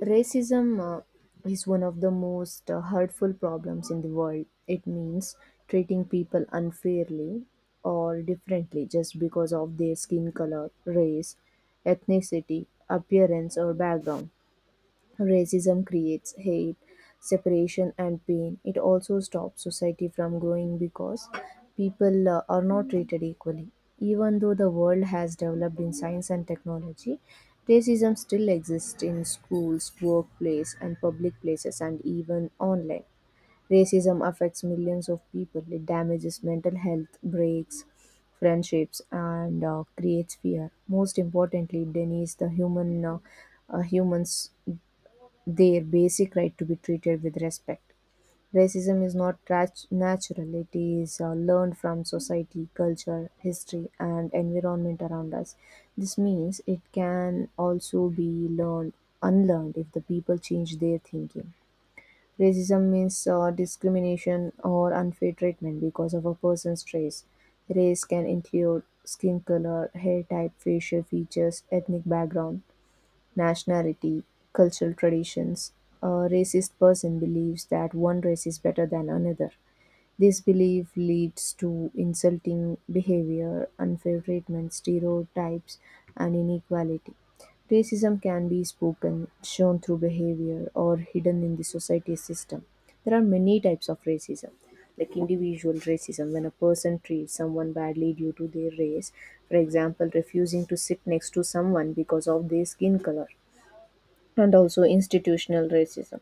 Racism is one of the most hurtful problems in the world. It means treating people unfairly or differently just because of their skin color, race, ethnicity, appearance, or background. Racism creates hate, separation, and pain. It also stops society from growing because people are not treated equally. Even though the world has developed in science and technology, racism still exists in schools, workplace, and public places, and even online. Racism affects millions of people. It damages mental health, breaks friendships, and creates fear. Most importantly, it denies the humans their basic right to be treated with respect. Racism is not natural. It is learned from society, culture, history, and environment around us. This means it can also be learned, unlearned if the people change their thinking. Racism means discrimination or unfair treatment because of a person's race. Race can include skin color, hair type, facial features, ethnic background, nationality, cultural traditions. A racist person believes that one race is better than another. This belief leads to insulting behavior, unfair treatment, stereotypes, and inequality. Racism can be spoken, shown through behavior, or hidden in the society system. There are many types of racism, like individual racism, when a person treats someone badly due to their race, for example, refusing to sit next to someone because of their skin color, and also institutional racism.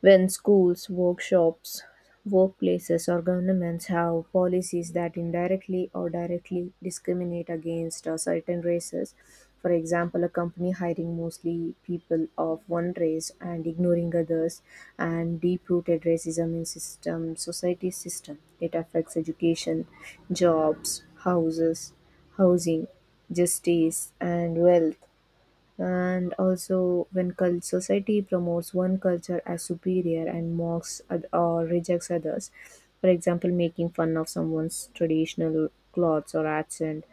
When schools, workshops, workplaces, or governments have policies that indirectly or directly discriminate against certain races, for example, a company hiring mostly people of one race and ignoring others, and deep rooted racism in system, society system, it affects education, jobs, houses, housing, justice, and wealth. And also when society promotes one culture as superior and mocks or rejects others, for example, making fun of someone's traditional clothes or accent,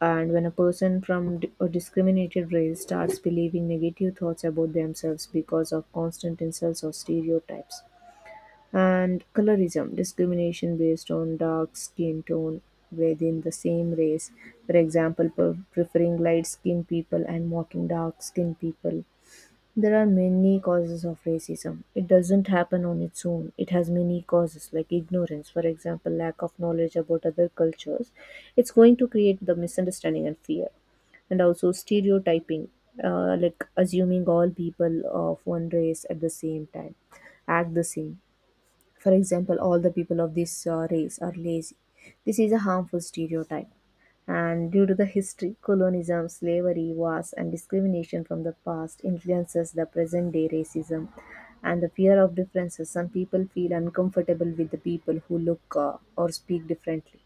and when a person from a discriminated race starts believing negative thoughts about themselves because of constant insults or stereotypes, and colorism, discrimination based on dark skin tone within the same race, for example, preferring light skinned people and mocking dark skinned people. There are many causes of racism. It doesn't happen on its own. It has many causes like ignorance, for example, lack of knowledge about other cultures. It's going to create the misunderstanding and fear, and also stereotyping, like assuming all people of one race at the same time act the same. For example, all the people of this race are lazy. This is a harmful stereotype. And due to the history, colonialism, slavery, wars, and discrimination from the past influences the present day racism and the fear of differences. Some people feel uncomfortable with the people who look or speak differently.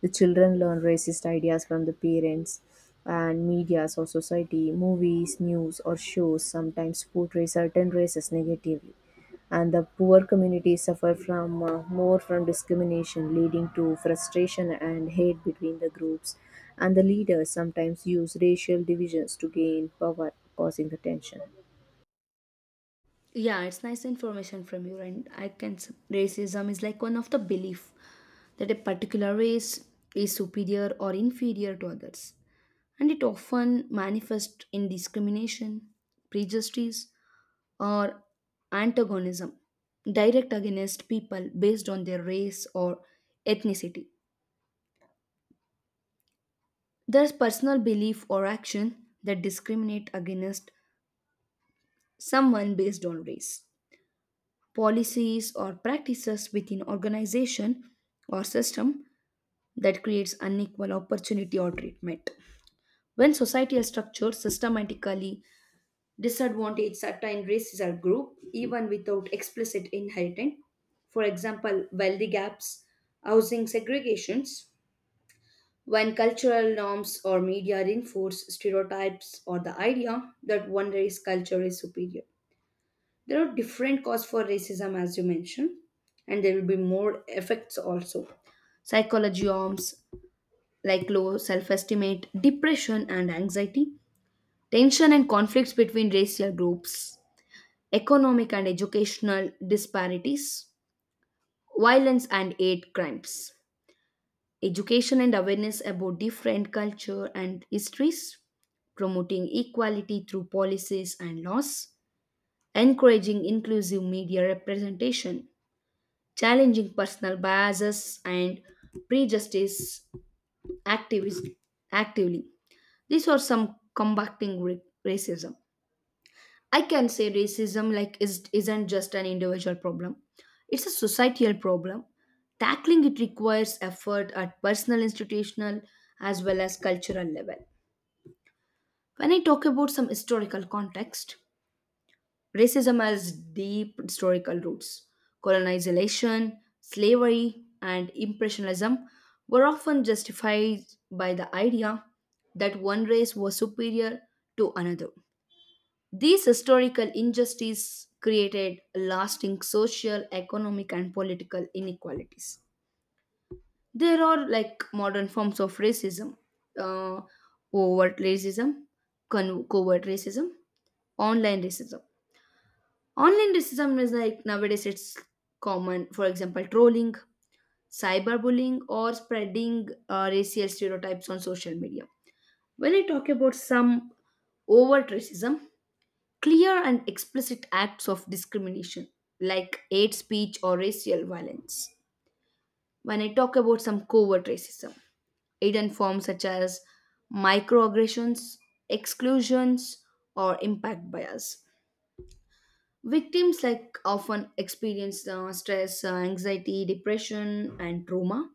The children learn racist ideas from the parents and medias or society, movies, news, or shows sometimes portray certain races negatively, and the poor communities suffer from more from discrimination leading to frustration and hate between the groups, and the leaders sometimes use racial divisions to gain power causing the tension. Yeah, it's nice information from you, and racism is like one of the belief that a particular race is superior or inferior to others. And it often manifests in discrimination, prejudice, or antagonism direct against people based on their race or ethnicity. There's personal belief or action that discriminate against someone based on race. Policies or practices within organization or system that creates unequal opportunity or treatment. When society is structured systematically disadvantaged certain races or group even without explicit inheritance. For example, wealthy gaps, housing segregations, when cultural norms or media reinforce stereotypes or the idea that one race culture is superior. There are different causes for racism as you mentioned, and there will be more effects also. Psychology arms like low self-estimate, depression and anxiety, tension and conflicts between racial groups, economic and educational disparities, violence and hate crimes, education and awareness about different culture and histories, promoting equality through policies and laws, encouraging inclusive media representation, challenging personal biases and prejudice activis- actively. These are some combating racism. I can say racism like is isn't just an individual problem. It's a societal problem. Tackling it requires effort at personal, institutional, as well as cultural level. When I talk about some historical context, racism has deep historical roots. Colonization, slavery, and impressionism were often justified by the idea that one race was superior to another. These historical injustices created lasting social, economic, and political inequalities. There are like modern forms of racism, uh, overt racism, covert racism, online racism. Online racism is like nowadays it's common, for example, trolling, cyberbullying, or spreading racial stereotypes on social media. When I talk about some overt racism, clear and explicit acts of discrimination like hate speech or racial violence. When I talk about some covert racism, hidden forms such as microaggressions, exclusions, or impact bias. Victims like often experience stress, anxiety, depression, and trauma.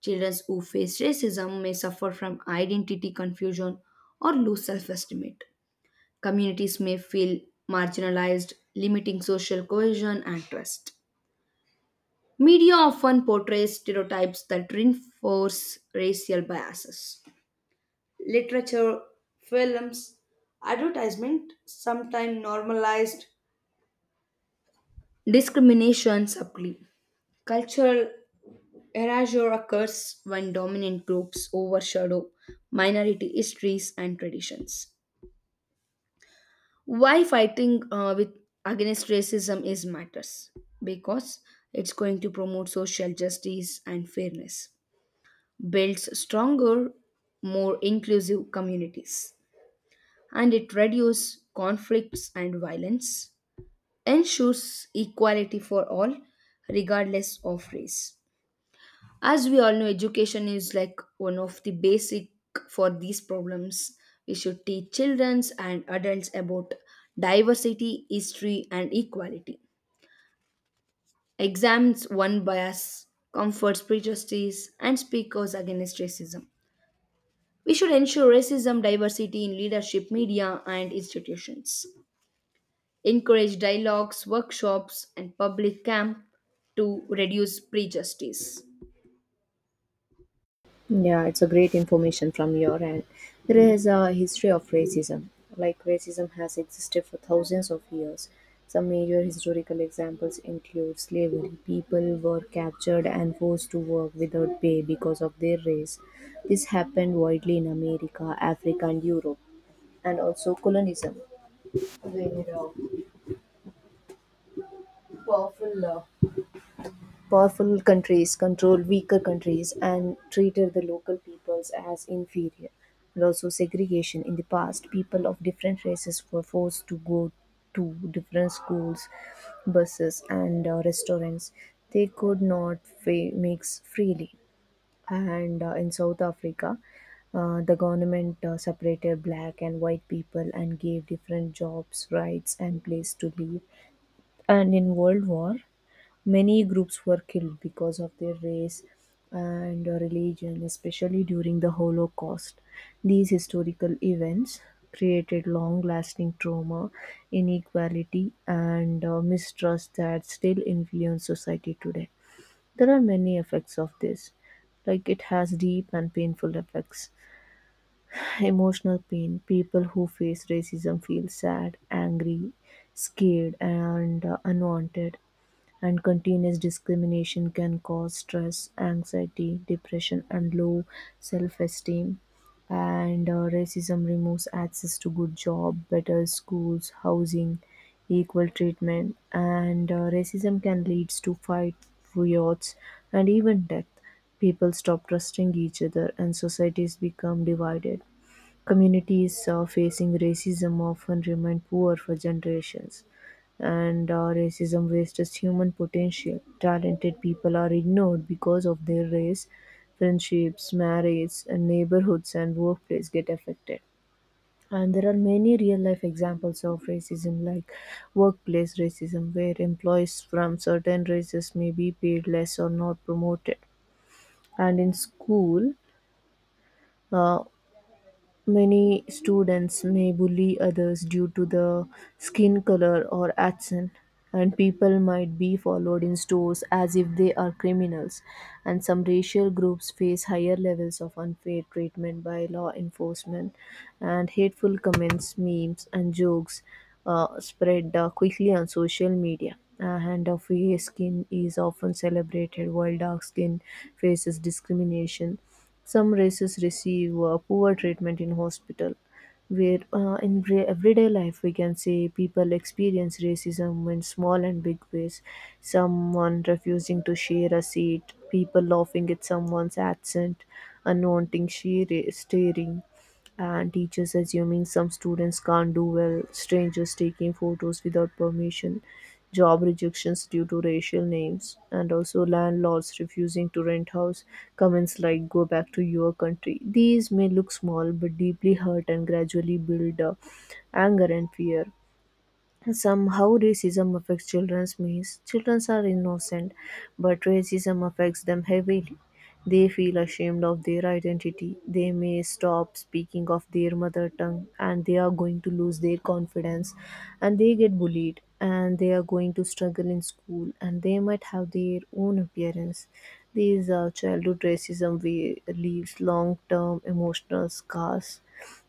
Children who face racism may suffer from identity confusion or low self-estimate. Communities may feel marginalized, limiting social cohesion and trust. Media often portrays stereotypes that reinforce racial biases. Literature, films, advertisement sometimes normalized discrimination subtly. Cultural erasure occurs when dominant groups overshadow minority histories and traditions. Why fighting with against racism is matters because it's going to promote social justice and fairness, builds stronger more inclusive communities, and it reduces conflicts and violence, ensures equality for all regardless of race. As we all know, education is like one of the basic for these problems. We should teach children and adults about diversity, history, and equality. Exams one bias, comforts prejudice, and speakers against racism. We should ensure racism diversity in leadership, media, and institutions. Encourage dialogues, workshops, and public camp to reduce prejudice. Yeah, it's a great information from your end. There is a history of racism. Like racism has existed for thousands of years. Some major historical examples include slavery. People were captured and forced to work without pay because of their race. This happened widely in America, Africa, and Europe, and also colonialism, where powerful uh, powerful countries controlled weaker countries and treated the local peoples as inferior. And also, segregation in the past, people of different races were forced to go to different schools, buses, and restaurants. They could not mix freely. And in South Africa, the government separated black and white people and gave different jobs, rights, and place to live. And in World War, many groups were killed because of their race and religion, especially during the Holocaust. These historical events created long lasting trauma, inequality, and mistrust that still influence society today. There are many effects of this. Like it has deep and painful effects. Emotional pain. People who face racism feel sad, angry, scared, and unwanted, and continuous discrimination can cause stress, anxiety, depression, and low self esteem. And racism removes access to good job, better schools, housing, equal treatment. And racism can lead to fight, riots, and even death. People stop trusting each other, and societies become divided. Communities facing racism often remain poor for generations, and racism wastes human potential. Talented people are ignored because of their race, friendships, marriage, and neighborhoods and workplace get affected. And there are many real life examples of racism, like workplace racism, where employees from certain races may be paid less or not promoted. And in school, uh, many students may bully others due to the skin color or accent, and people might be followed in stores as if they are criminals. And some racial groups face higher levels of unfair treatment by law enforcement, and hateful comments, memes, and jokes spread quickly on social media. And of fair skin is often celebrated, while dark skin faces discrimination. Some races receive poor treatment in hospital, where everyday life we can say people experience racism in small and big ways. Someone refusing to share a seat, people laughing at someone's accent, staring, and teachers assuming some students can't do well, strangers taking photos without permission, job rejections due to racial names, and also landlords refusing to rent house. Comments like "Go back to your country." These may look small but deeply hurt and gradually build anger and fear. Some how racism affects children means children are innocent, but racism affects them heavily. They feel ashamed of their identity. They may stop speaking of their mother tongue and they are going to lose their confidence, and they get bullied and they are going to struggle in school and they might have their own appearance. These childhood racism we leaves long term emotional scars.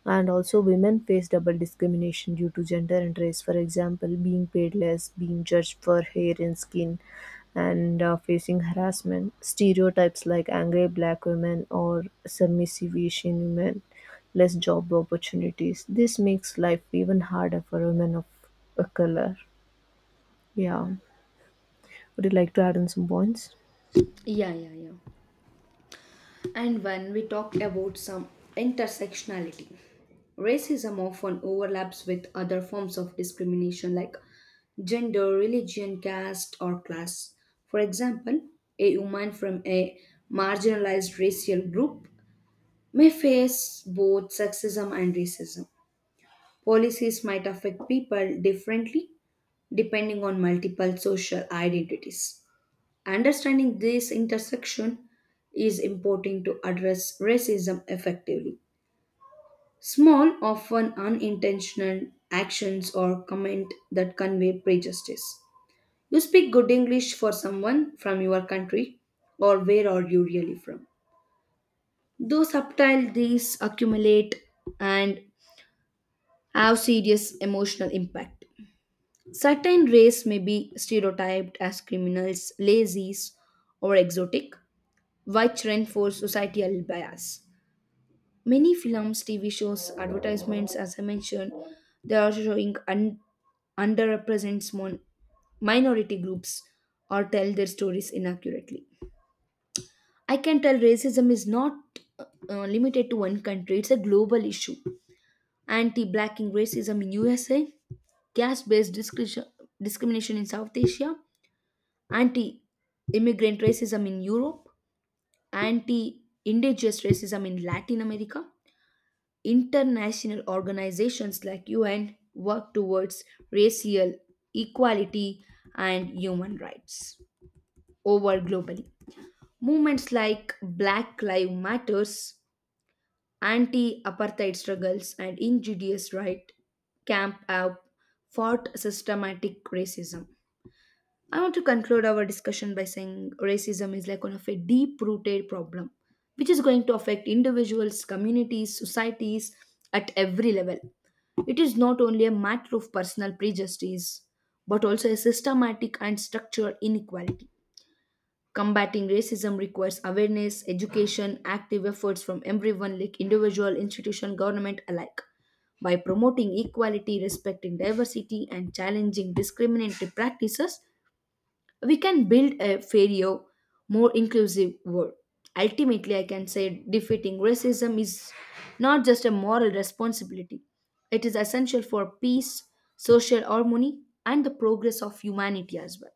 And also, women face double discrimination due to gender and race. For example, being paid less, being judged for hair and skin, and facing harassment. Stereotypes like angry black women or submissive Asian women, less job opportunities. This makes life even harder for women of a color. Yeah. Would you like to add in some points? Yeah, yeah, yeah. And when we talk about some intersectionality, racism often overlaps with other forms of discrimination like gender, religion, caste, or class. For example, a woman from a marginalized racial group may face both sexism and racism. Policies might affect people differently depending on multiple social identities. Understanding this intersection is important to address racism effectively. Small, often unintentional actions or comment that convey prejudice. You speak good English for someone from your country, or where are you really from? Though subtle, these accumulate and have serious emotional impact. Certain race may be stereotyped as criminals, lazies, or exotic, which reinforce societal bias. Many films, TV shows, advertisements, as I mentioned, they are showing underrepresents minority groups or tell their stories inaccurately. I can tell racism is not limited to one country; it's a global issue. Anti-blacking racism in USA, caste-based discri- discrimination in South Asia, anti-immigrant racism in Europe, anti-indigenous racism in Latin America, international organizations like UN work towards racial equality and human rights over globally. Movements like Black Lives Matters, anti-apartheid struggles, and injurious right camp have fought systematic racism. I want to conclude our discussion by saying racism is like one of a deep rooted problem which is going to affect individuals, communities, societies at every level. It is not only a matter of personal prejudice but also a systematic and structural inequality. Combating racism requires awareness, education, active efforts from everyone like individual, institution, government alike. By promoting equality, respecting diversity, and challenging discriminatory practices, we can build a fairer, more inclusive world. Ultimately, I can say defeating racism is not just a moral responsibility, it is essential for peace, social harmony, and the progress of humanity as well.